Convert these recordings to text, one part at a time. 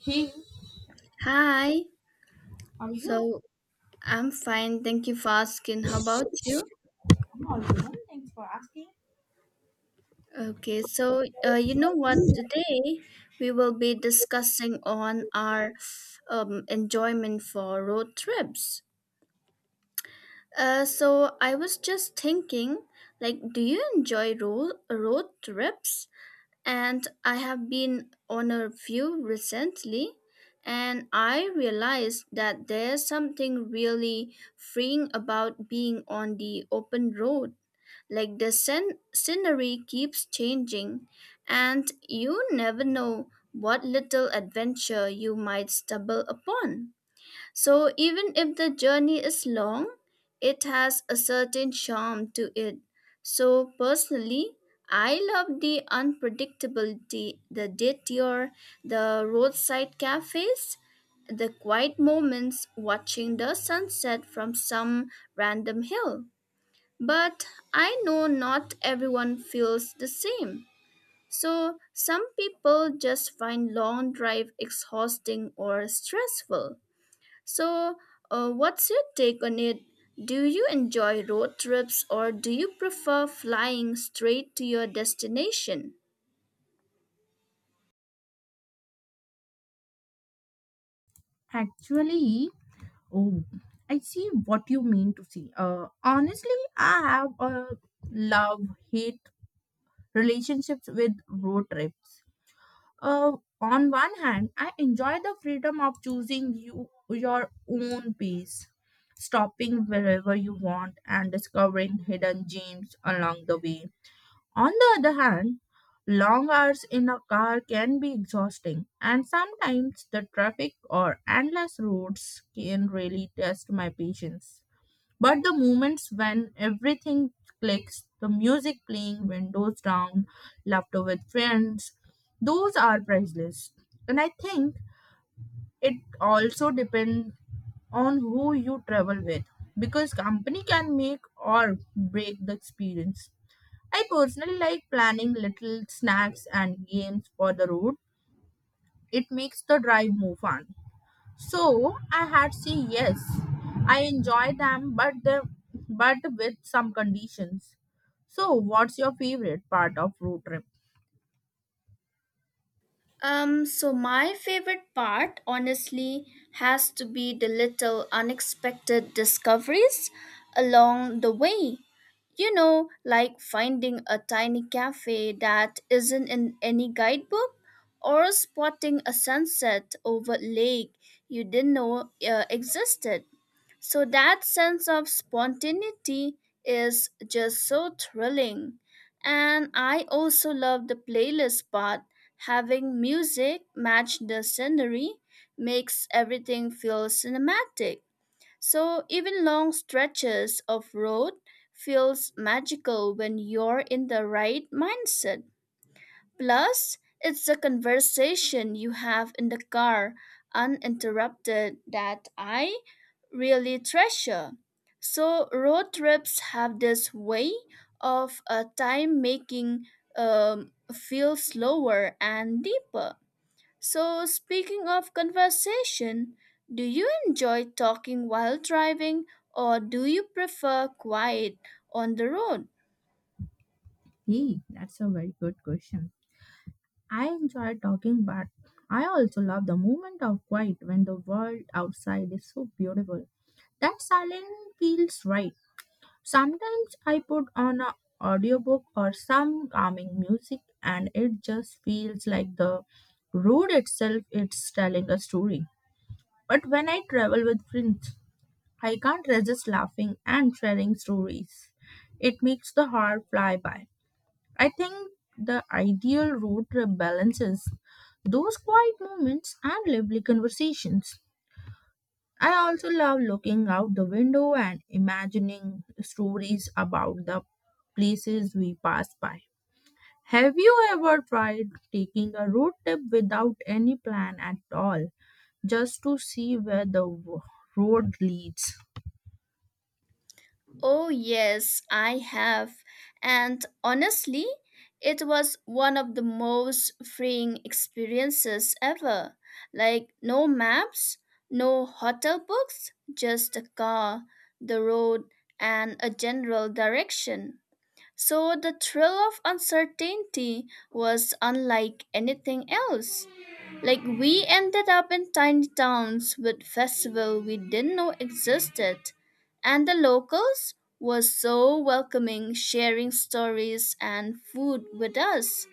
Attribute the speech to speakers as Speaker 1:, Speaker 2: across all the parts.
Speaker 1: Hey,
Speaker 2: Hi.
Speaker 1: how are you?
Speaker 2: So I'm fine. Thank you for asking. How about you?
Speaker 1: I'm all good. Thanks for asking.
Speaker 2: Okay. So you know what? Today we will be discussing on our enjoyment for road trips. So I was just thinking, like, do you enjoy road trips? And I have been on a few recently, and I realized that there's something really freeing about being on the open road. Like the scenery keeps changing, and you never know what little adventure you might stumble upon. So even if the journey is long, it has a certain charm to it. So personally, I love the unpredictability, the detour, the roadside cafes, the quiet moments watching the sunset from some random hill. But I know not everyone feels the same. So some people just find long drive exhausting or stressful, so, what's your take on it? Do you enjoy road trips or do you prefer flying straight to your destination?
Speaker 1: Actually, oh, I see what you mean to see. Honestly, I have a love hate relationships with road trips. Uh, on one hand, I enjoy the freedom of choosing your own pace, stopping wherever you want, and discovering hidden gems along the way. On the other hand, long hours in a car can be exhausting, and sometimes the traffic or endless roads can really test my patience. But the moments when everything clicks, the music playing, windows down, laughter with friends, those are priceless. And I think it also depends on who you travel with, because company can make or break the experience. I personally like planning little snacks and games for the road. It makes the drive more fun. So I had say yes. I enjoy them, but but with some conditions. So what's your favorite part of road trip?
Speaker 2: So my favorite part, honestly, has to be the little unexpected discoveries along the way. You know, like finding a tiny cafe that isn't in any guidebook or spotting a sunset over a lake you didn't know existed. So that sense of spontaneity is just so thrilling. And I also love the playlist part. Having music match the scenery makes everything feel cinematic. So even long stretches of road feels magical when you're in the right mindset. Plus, it's the conversation you have in the car uninterrupted that I really treasure. So, road trips have this way of time making feel slower and deeper. So, speaking of conversation, do you enjoy talking while driving or do you prefer quiet on the road?
Speaker 1: Hey, that's a very good question. I enjoy talking, but I also love the moment of quiet when the world outside is so beautiful. That silence feels right. Sometimes I put on a audiobook or some calming music and it just feels like the road itself it's telling a story. But when I travel with friends, I can't resist laughing and sharing stories. It makes the heart fly by. I think the ideal road trip balances those quiet moments and lively conversations. I also love looking out the window and imagining stories about the places we pass by. Have you ever tried taking a road trip without any plan at all, just to see where the road leads?
Speaker 2: Oh, yes, I have. And honestly, it was one of the most freeing experiences ever. Like, no maps, no hotel books, just a car, the road, and a general direction. So, the thrill of uncertainty was unlike anything else. Like we ended up in tiny towns with festival we didn't know existed. And the locals were so welcoming, sharing stories and food with us.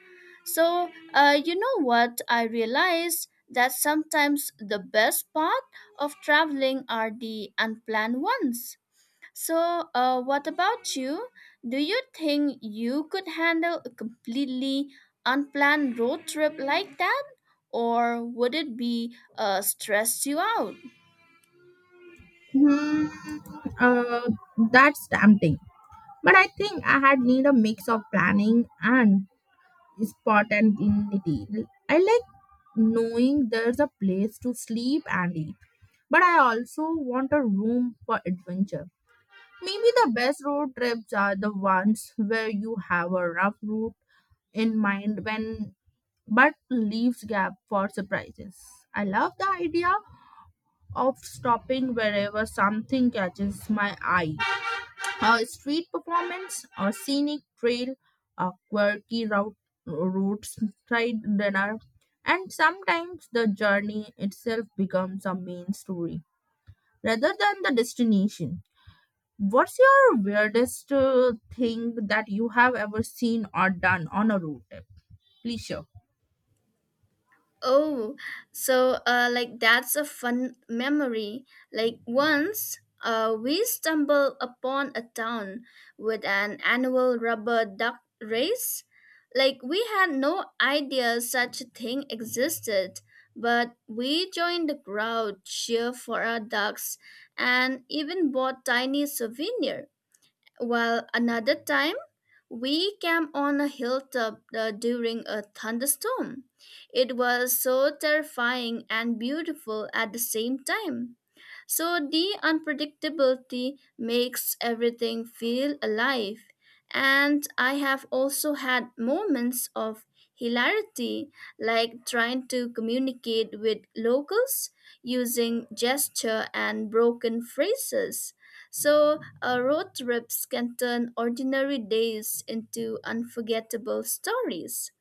Speaker 2: So, you know what? I realized that sometimes the best part of traveling are the unplanned ones. So, what about you? Do you think you could handle a completely unplanned road trip like that? Or would it be stress you out?
Speaker 1: Hmm, uh, that's tempting. But I think I had need a mix of planning and spontaneity. Well, I like knowing there's a place to sleep and eat, but I also want a room for adventure. Maybe the best road trips are the ones where you have a rough route in mind when but leaves gap for surprises. I love the idea of stopping wherever something catches my eye. A street performance, a scenic trail, a quirky route, roadside dinner, and sometimes the journey itself becomes a main story rather than the destination. What's your weirdest thing that you have ever seen or done on a road trip? Please share.
Speaker 2: Oh, so like that's a fun memory. Like once, we stumbled upon a town with an annual rubber duck race. Like we had no idea such a thing existed, but we joined the crowd, cheer for our ducks, and even bought tiny souvenir. Well, another time, we camped on a hilltop during a thunderstorm. It was so terrifying and beautiful at the same time. So, the unpredictability makes everything feel alive. And I have also had moments of hilarity, like trying to communicate with locals using gesture and broken phrases. So, road trips can turn ordinary days into unforgettable stories.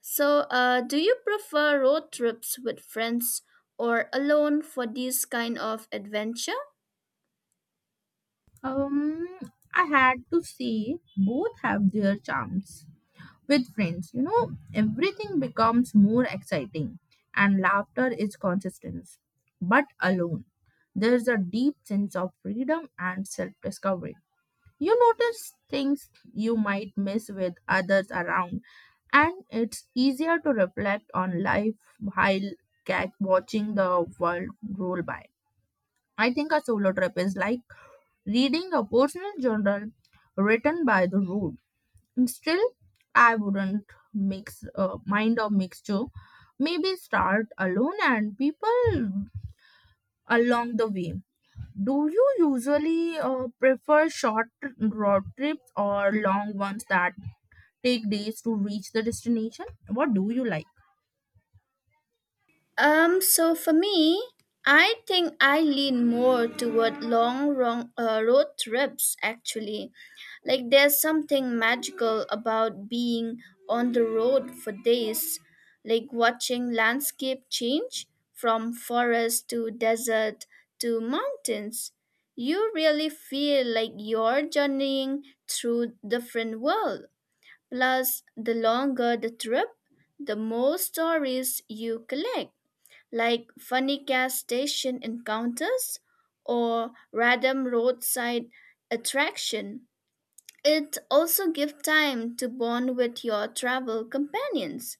Speaker 2: So, do you prefer road trips with friends or alone for these kind of adventures?
Speaker 1: Um, I had to say both have their charms. With friends, you know, everything becomes more exciting and laughter is consistent, but alone there's a deep sense of freedom and self-discovery. You notice things you might miss with others around, and it's easier to reflect on life while watching the world roll by. I think a solo trip is like reading a personal journal written by the road. Mm, still, I wouldn't mix mind or mixture. Maybe start alone and people along the way. Do you usually prefer short road trips or long ones that take days to reach the destination? What do you like?
Speaker 2: So for me, I think I lean more toward long wrong, road trips actually. Like there's something magical about being on the road for days, like watching landscape change from forest to desert to mountains. You really feel like you're journeying through different world. Plus, the longer the trip, the more stories you collect, like funny gas station encounters or random roadside attraction. It also gives time to bond with your travel companions.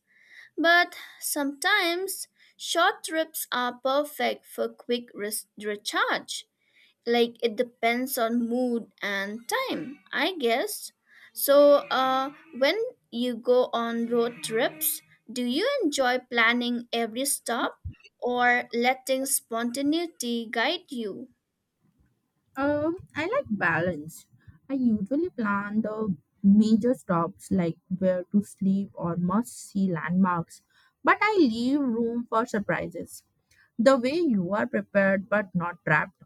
Speaker 2: But sometimes short trips are perfect for quick recharge. Like, it depends on mood and time, I guess. So, when you go on road trips, do you enjoy planning every stop or letting spontaneity guide you?
Speaker 1: I like balance. I usually plan the major stops like where to sleep or must see landmarks, but I leave room for surprises. The way you are prepared but not trapped.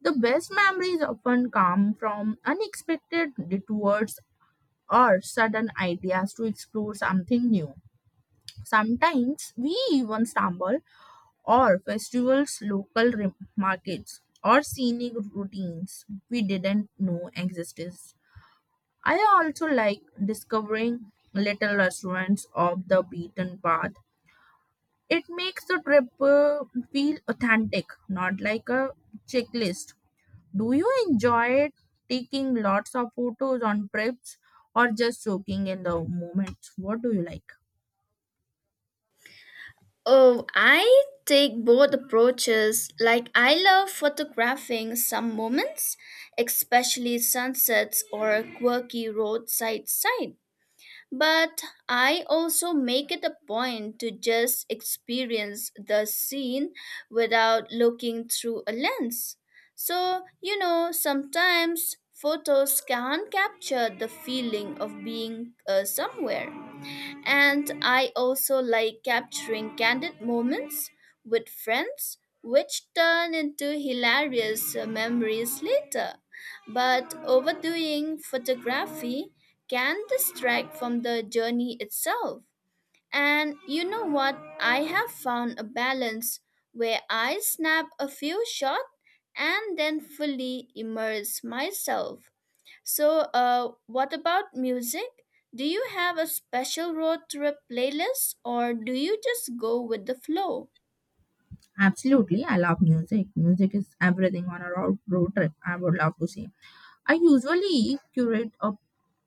Speaker 1: The best memories often come from unexpected detours or sudden ideas to explore something new. Sometimes we even stumble, or festivals, local markets, or scenic routines we didn't know existed. I also like discovering little restaurants off the beaten path. It makes the trip feel authentic, not like a checklist. Do you enjoy taking lots of photos on trips or just soaking in the moments? What do you like?
Speaker 2: Oh, I take both approaches. Like, I love photographing some moments, especially sunsets or quirky roadside sights. But I also make it a point to just experience the scene without looking through a lens. So, you know, sometimes photos can't capture the feeling of being somewhere. And I also like capturing candid moments with friends, which turn into hilarious memories later. But overdoing photography can distract from the journey itself. And you know what? I have found a balance where I snap a few shots and then fully immerse myself. So, what about music? Do you have a special road trip playlist or do you just go with the flow?
Speaker 1: Absolutely, I love music. Music is everything on a road trip. I would love to see. I usually curate a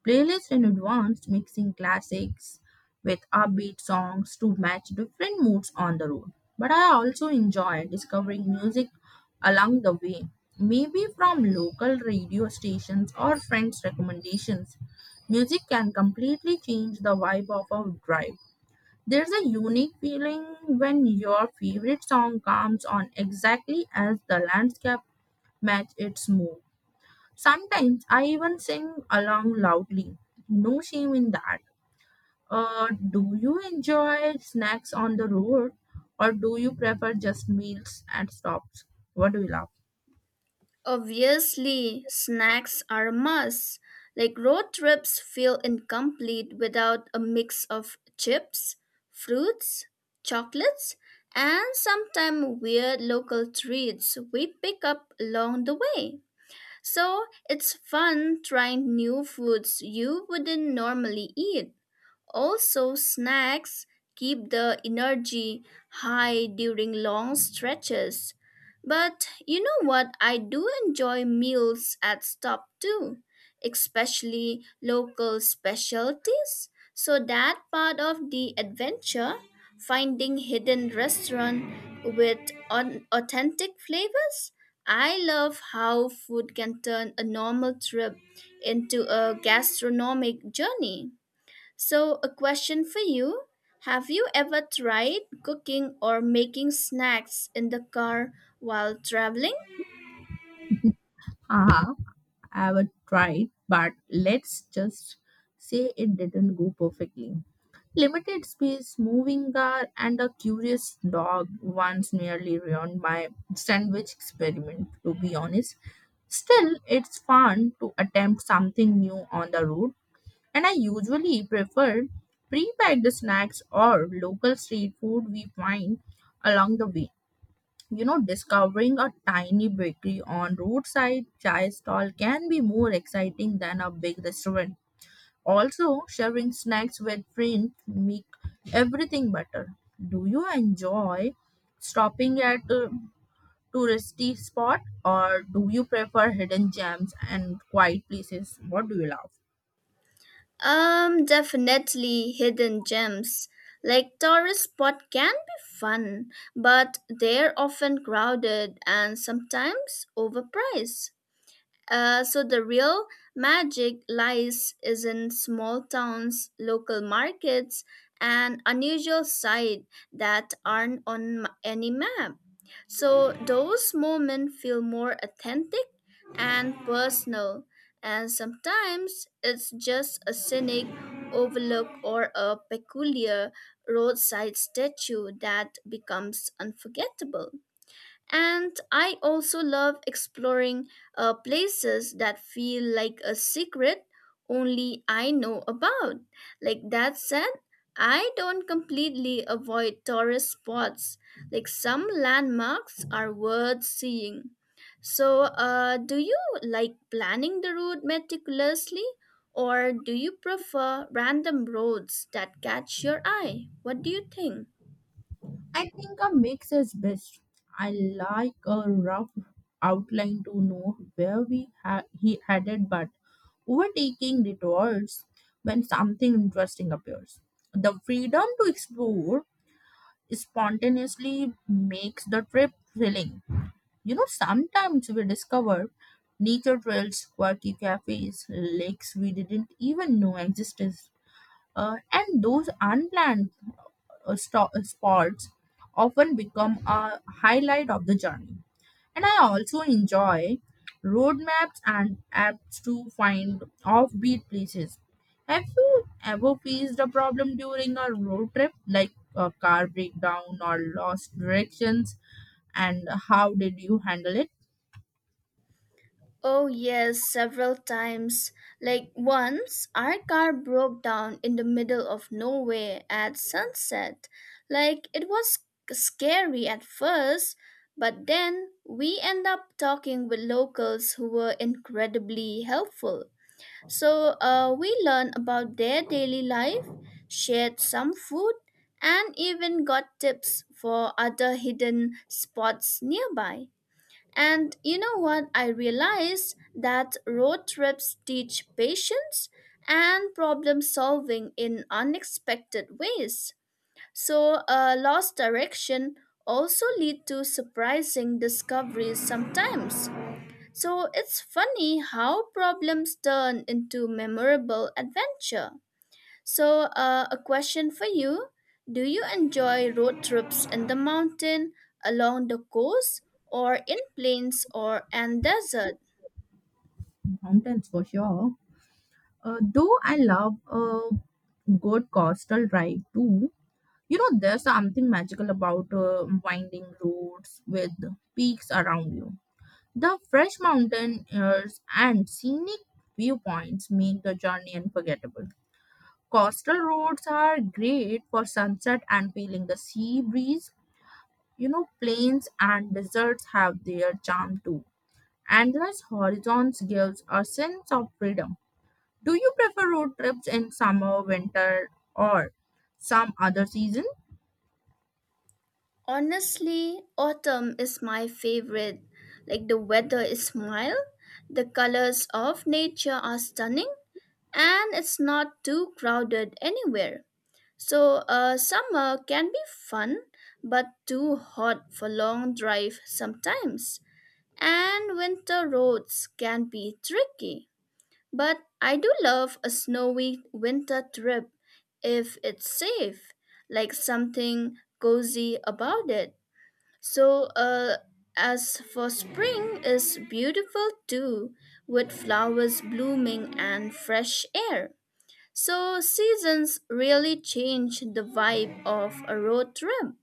Speaker 1: playlist in advance, mixing classics with upbeat songs to match different moods on the road. But I also enjoy discovering music along the way, maybe from local radio stations or friends' recommendations. Music can completely change the vibe of a drive. There's a unique feeling when your favorite song comes on exactly as the landscape match its mood. Sometimes I even sing along loudly. No shame in that. Do you enjoy snacks on the road or do you prefer just meals at stops? What do you love?
Speaker 2: Obviously, snacks are a must. Like road trips feel incomplete without a mix of chips, fruits, chocolates, and sometimes weird local treats we pick up along the way. So it's fun trying new foods you wouldn't normally eat. Also, snacks keep the energy high during long stretches. But you know what? I do enjoy meals at stop too, especially local specialties. So that part of the adventure, finding hidden restaurant with authentic flavors. I love how food can turn a normal trip into a gastronomic journey. So, a question for you. Have you ever tried cooking or making snacks in the car while traveling?
Speaker 1: Haha. I ever tried, but let's just say it didn't go perfectly. Limited space, moving car, and a curious dog once nearly ruined my sandwich experiment, to be honest. Still, it's fun to attempt something new on the road, and I usually prefer pre packed snacks or local street food we find along the way. You know, discovering a tiny bakery on roadside chai stall can be more exciting than a big restaurant. Also, sharing snacks with friends make everything better. Do you enjoy stopping at a touristy spot or do you prefer hidden gems and quiet places? What do you love?
Speaker 2: Definitely hidden gems. Like tourist spot can be fun, but they're often crowded and sometimes overpriced. So the real magic lies is in small towns, local markets, and unusual sight that aren't on any map. So those moments feel more authentic and personal, and sometimes it's just a scenic overlook or a peculiar roadside statue that becomes unforgettable. And I also love exploring places that feel like a secret only I know about. Like that said, I don't completely avoid tourist spots. Like some landmarks are worth seeing. So, do you like planning the route meticulously or do you prefer random roads that catch your eye? What do you think?
Speaker 1: I think a mix is best. I like a rough outline to know where we he headed, but overtaking detours when something interesting appears. The freedom to explore spontaneously makes the trip thrilling. You know, sometimes we discover nature trails, quirky cafes, lakes we didn't even know existed. And those unplanned spots often become a highlight of the journey. And I also enjoy road maps and apps to find offbeat places. Have you ever faced a problem during a road trip, like a car breakdown or lost directions? And how did you handle it?
Speaker 2: Oh, yes, several times. Like once, our car broke down in the middle of nowhere at sunset. Like it was scary at first, but then we end up talking with locals who were incredibly helpful. So we learned about their daily life, shared some food, and even got tips for other hidden spots nearby. And you know what? I realized that road trips teach patience and problem solving in unexpected ways. So, a lost direction also lead to surprising discoveries sometimes. So, it's funny how problems turn into memorable adventure. So, a question for you. Do you enjoy road trips in the mountain, along the coast, or in plains or and desert?
Speaker 1: Mountains for sure. Though I love a good coastal drive too. You know, there's something magical about winding roads with peaks around you. The fresh mountain airs and scenic viewpoints make the journey unforgettable. Coastal roads are great for sunset and feeling the sea breeze. You know, plains and deserts have their charm too. Endless horizons gives a sense of freedom. Do you prefer road trips in summer, winter, or some other season?
Speaker 2: Honestly, autumn is my favorite. Like the weather is mild, the colors of nature are stunning, and it's not too crowded anywhere. So, summer can be fun, but too hot for long drive sometimes. And winter roads can be tricky. But I do love a snowy winter trip if it's safe, like something cozy about it. So, as for spring is beautiful too, with flowers blooming and fresh air. So seasons really change the vibe of a road trip.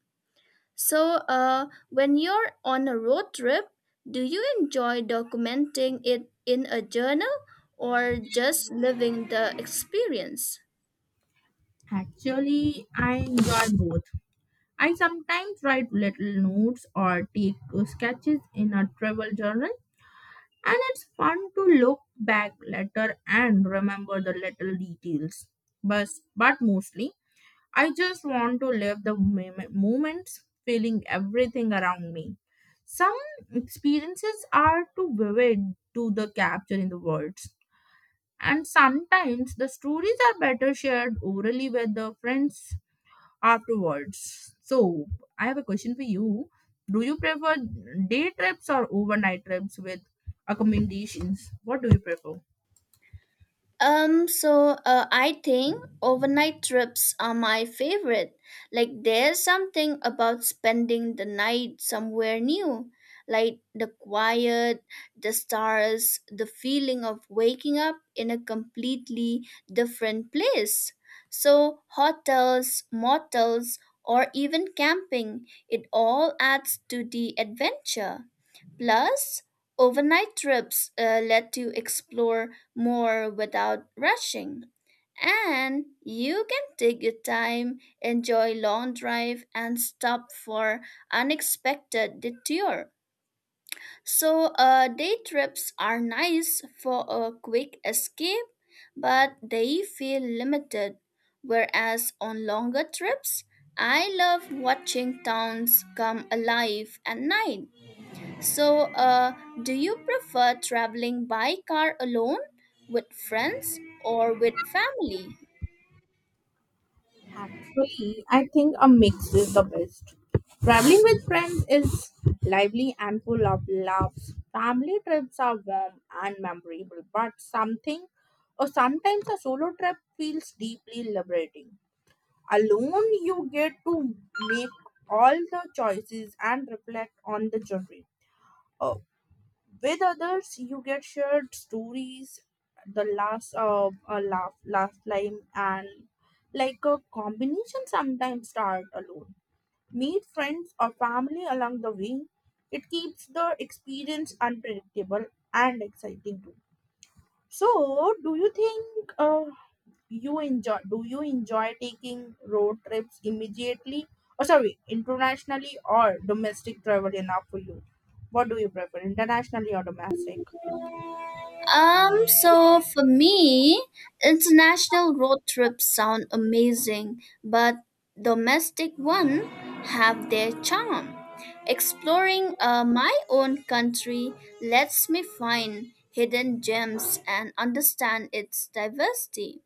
Speaker 2: So, when you're on a road trip, do you enjoy documenting it in a journal or just living the experience?
Speaker 1: Actually, I enjoy both. I sometimes write little notes or take sketches in a travel journal, and it's fun to look back later and remember the little details. But, but mostly, I just want to live the moments, feeling everything around me. Some experiences are too vivid to the capture in the words, and sometimes the stories are better shared orally with the friends afterwards. So, I have a question for you. Do you prefer day trips or overnight trips with accommodations? What do you prefer?
Speaker 2: So I think overnight trips are my favorite. Like, there's something about spending the night somewhere new, like the quiet, the stars, the feeling of waking up in a completely different place. So, hotels, motels, or even camping, it all adds to the adventure. Plus, overnight trips let you explore more without rushing, and you can take your time, enjoy long drive, and stop for unexpected detour. So, day trips are nice for a quick escape, but they feel limited. Whereas on longer trips, I love watching towns come alive at night. So, do you prefer traveling by car alone, with friends, or with family?
Speaker 1: Actually, I think a mix is the best. Traveling with friends is lively and full of laughs. Family trips are warm and memorable, but something or sometimes a solo trip feels deeply liberating. Alone, you get to make all the choices and reflect on the journey. uh, with others, you get shared stories, the last laugh line, and like a combination. Sometimes start alone, meet friends or family along the way. It keeps the experience unpredictable and exciting too. So, do you think you enjoy? Do you enjoy taking road trips immediately? Oh, sorry, internationally or domestic travel enough for you? What do you prefer, internationally or domestic?
Speaker 2: So for me, international road trips sound amazing, but domestic one have their charm. Exploring my own country lets me find hidden gems and understand its diversity.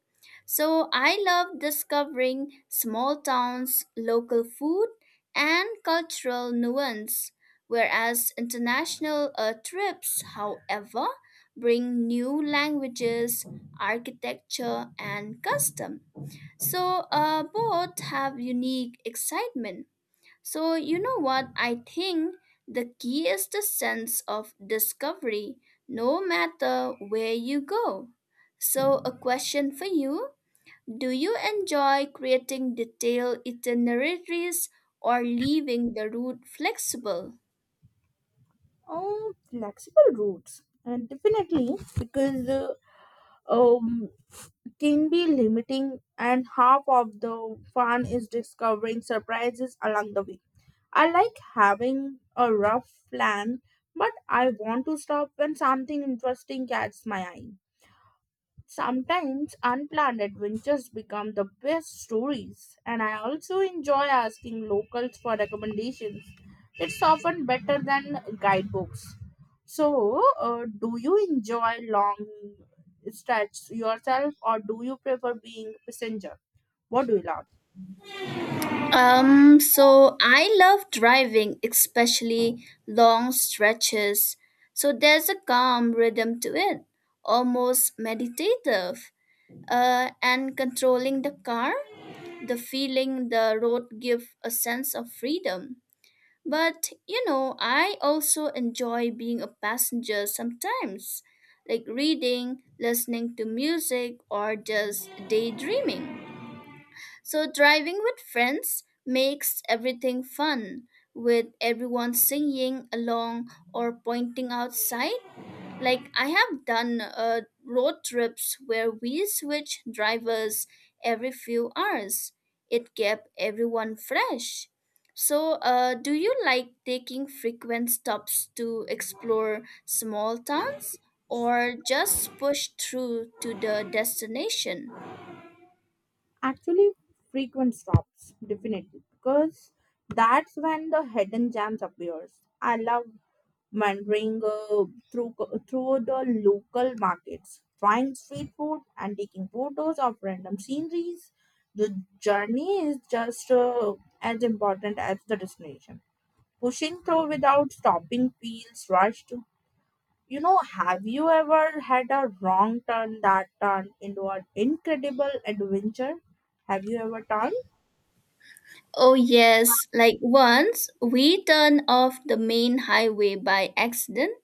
Speaker 2: So I love discovering small towns, local food, and cultural nuance. Whereas international trips, however, bring new languages, architecture, and custom. So both have unique excitement. So you know what, I think the key is the sense of discovery, no matter where you go. So a question for you: do you enjoy creating detailed itineraries or leaving the route flexible?
Speaker 1: Oh, flexible routes, and definitely because um can be limiting, and half of the fun is discovering surprises along the way. I like having a rough plan, but I want to stop when something interesting catches my eye. Sometimes unplanned adventures become the best stories, and I also enjoy asking locals for recommendations. It's often better than guidebooks. So, do you enjoy long stretches yourself, or do you prefer being passenger? What do you love?
Speaker 2: So I love driving, especially long stretches. So there's a calm rhythm to it, almost meditative. And controlling the car, the feeling the road gives a sense of freedom. But you know, I also enjoy being a passenger sometimes, like reading, listening to music, or just daydreaming. So driving with friends makes everything fun, with everyone singing along or pointing outside. Like I have done road trips where we switch drivers every few hours. It kept everyone fresh. So, do you like taking frequent stops to explore small towns or just push through to the destination?
Speaker 1: Actually, frequent stops, definitely, because that's when the hidden gems appears. I love wandering through through the local markets, trying street food and taking photos of random sceneries. The journey is just as important as the destination. Pushing through without stopping feels rushed. You know, have you ever had a wrong turn that turned into an incredible adventure? Have you ever turned?
Speaker 2: Oh, yes. Like once we turned off the main highway by accident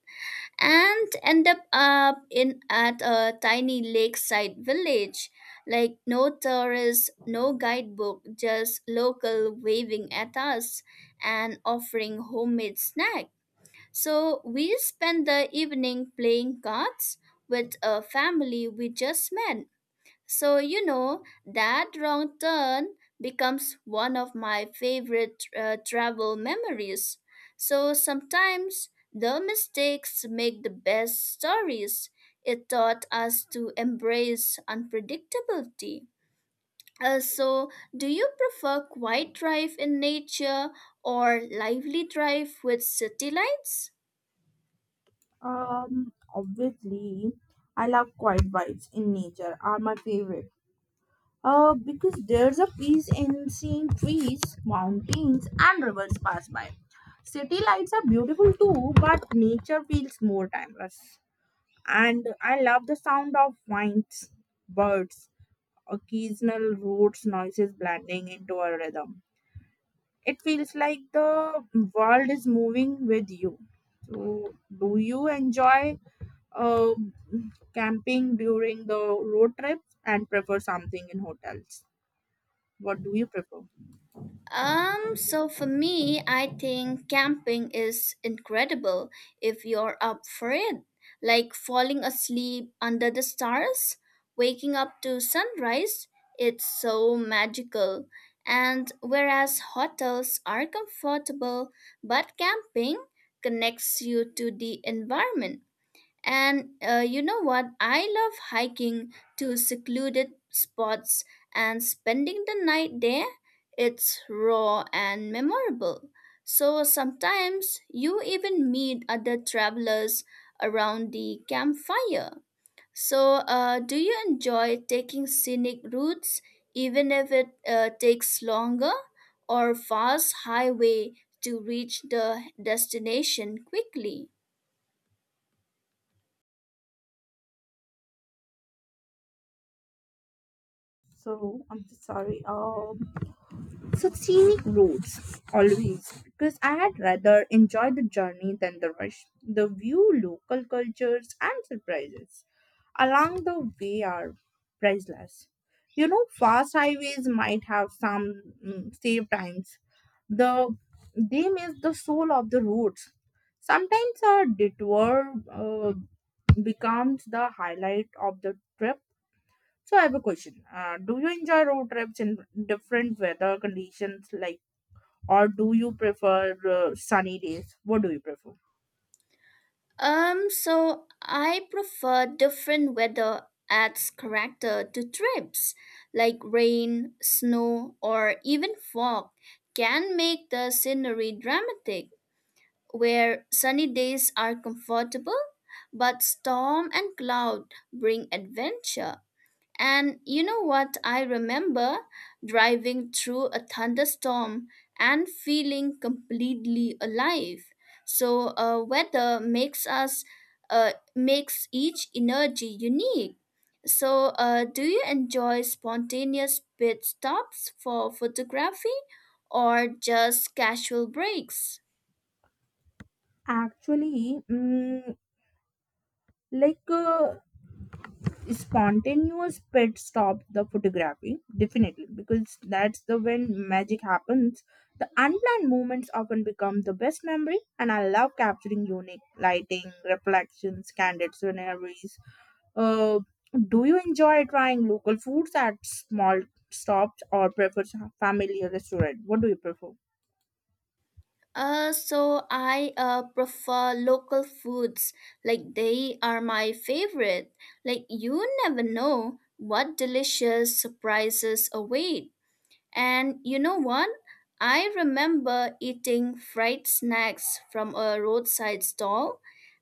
Speaker 2: and end up in at a tiny lakeside village. Like no tourists, no guidebook, just local waving at us and offering homemade snack. So we spent the evening playing cards with a family we just met. So, you know, that wrong turn becomes one of my favorite travel memories. So, sometimes the mistakes make the best stories. It taught us to embrace unpredictability. So, do you prefer quiet drive in nature or lively drive with city lights?
Speaker 1: Obviously, I love quiet vibes in nature are my favorite. Because there's a peace in seeing trees, mountains, and rivers pass by. City lights are beautiful too, but nature feels more timeless. And I love the sound of winds, birds, occasional roots noises blending into a rhythm. It feels like the world is moving with you. So, do you enjoy uh, camping during the road trips and prefer something in hotels? What do you prefer?
Speaker 2: So for me, I think camping is incredible if you're up for it. Like falling asleep under the stars, waking up to sunrise, it's so magical. And whereas hotels are comfortable, but camping connects you to the environment. And you know what? I love hiking to secluded spots and spending the night there. It's raw and memorable. So sometimes you even meet other travelers around the campfire. So, do you enjoy taking scenic routes even if it takes longer or fast highway to reach the destination quickly?
Speaker 1: So I'm so sorry. So scenic routes always because I had rather enjoy the journey than the rush. The view, local cultures and surprises along the way are priceless. You know, fast highways might have some mm, save times. The they miss the soul of the roads. Sometimes a detour becomes the highlight of the trip. So I have a question. Do you enjoy road trips in different weather conditions like? Or do you prefer sunny days? What do you prefer?
Speaker 2: So I prefer different weather adds character to trips, like rain, snow, or even fog can make the scenery dramatic, where sunny days are comfortable, but storm and cloud bring adventure. And you know what? I remember driving through a thunderstorm and feeling completely alive. So, weather makes makes each energy unique. So, do you enjoy spontaneous pit stops for photography or just casual breaks?
Speaker 1: Actually, like uh, spontaneous pit stop the photography definitely because that's the when magic happens. The unplanned moments often become the best memory, and I love capturing unique lighting, reflections, candid sceneries. Uh, do you enjoy trying local foods at small stops or prefer familiar restaurant? What do you prefer?
Speaker 2: So I prefer local foods. Like they are my favorite. Like you never know what delicious surprises await. And you know what? I remember eating fried snacks from a roadside stall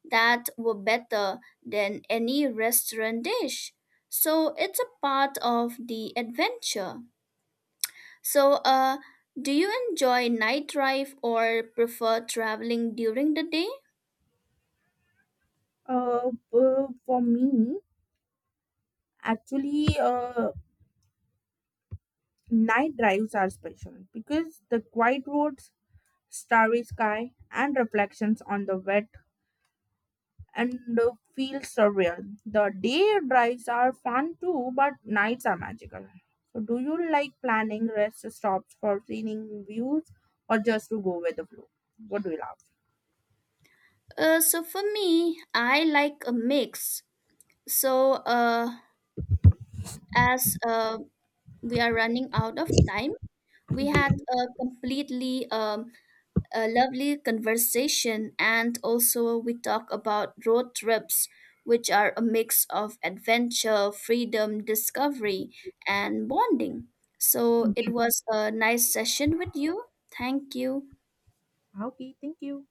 Speaker 2: that were better than any restaurant dish. So it's a part of the adventure. So, do you enjoy night drive or prefer traveling during the day?
Speaker 1: For me, actually, night drives are special because the quiet roads, starry sky, and reflections on the wet and the feel surreal. The day drives are fun too, but nights are magical. So, do you like planning rest stops for seeing views or just to go with the flow? What do you love?
Speaker 2: So for me, I like a mix. So, as we are running out of time, we
Speaker 1: Yeah.
Speaker 2: had a completely a lovely conversation, and also we talk about road trips, which are a mix of adventure, freedom, discovery, and bonding. So it was a nice session with you. Thank you.
Speaker 1: Okay, thank you.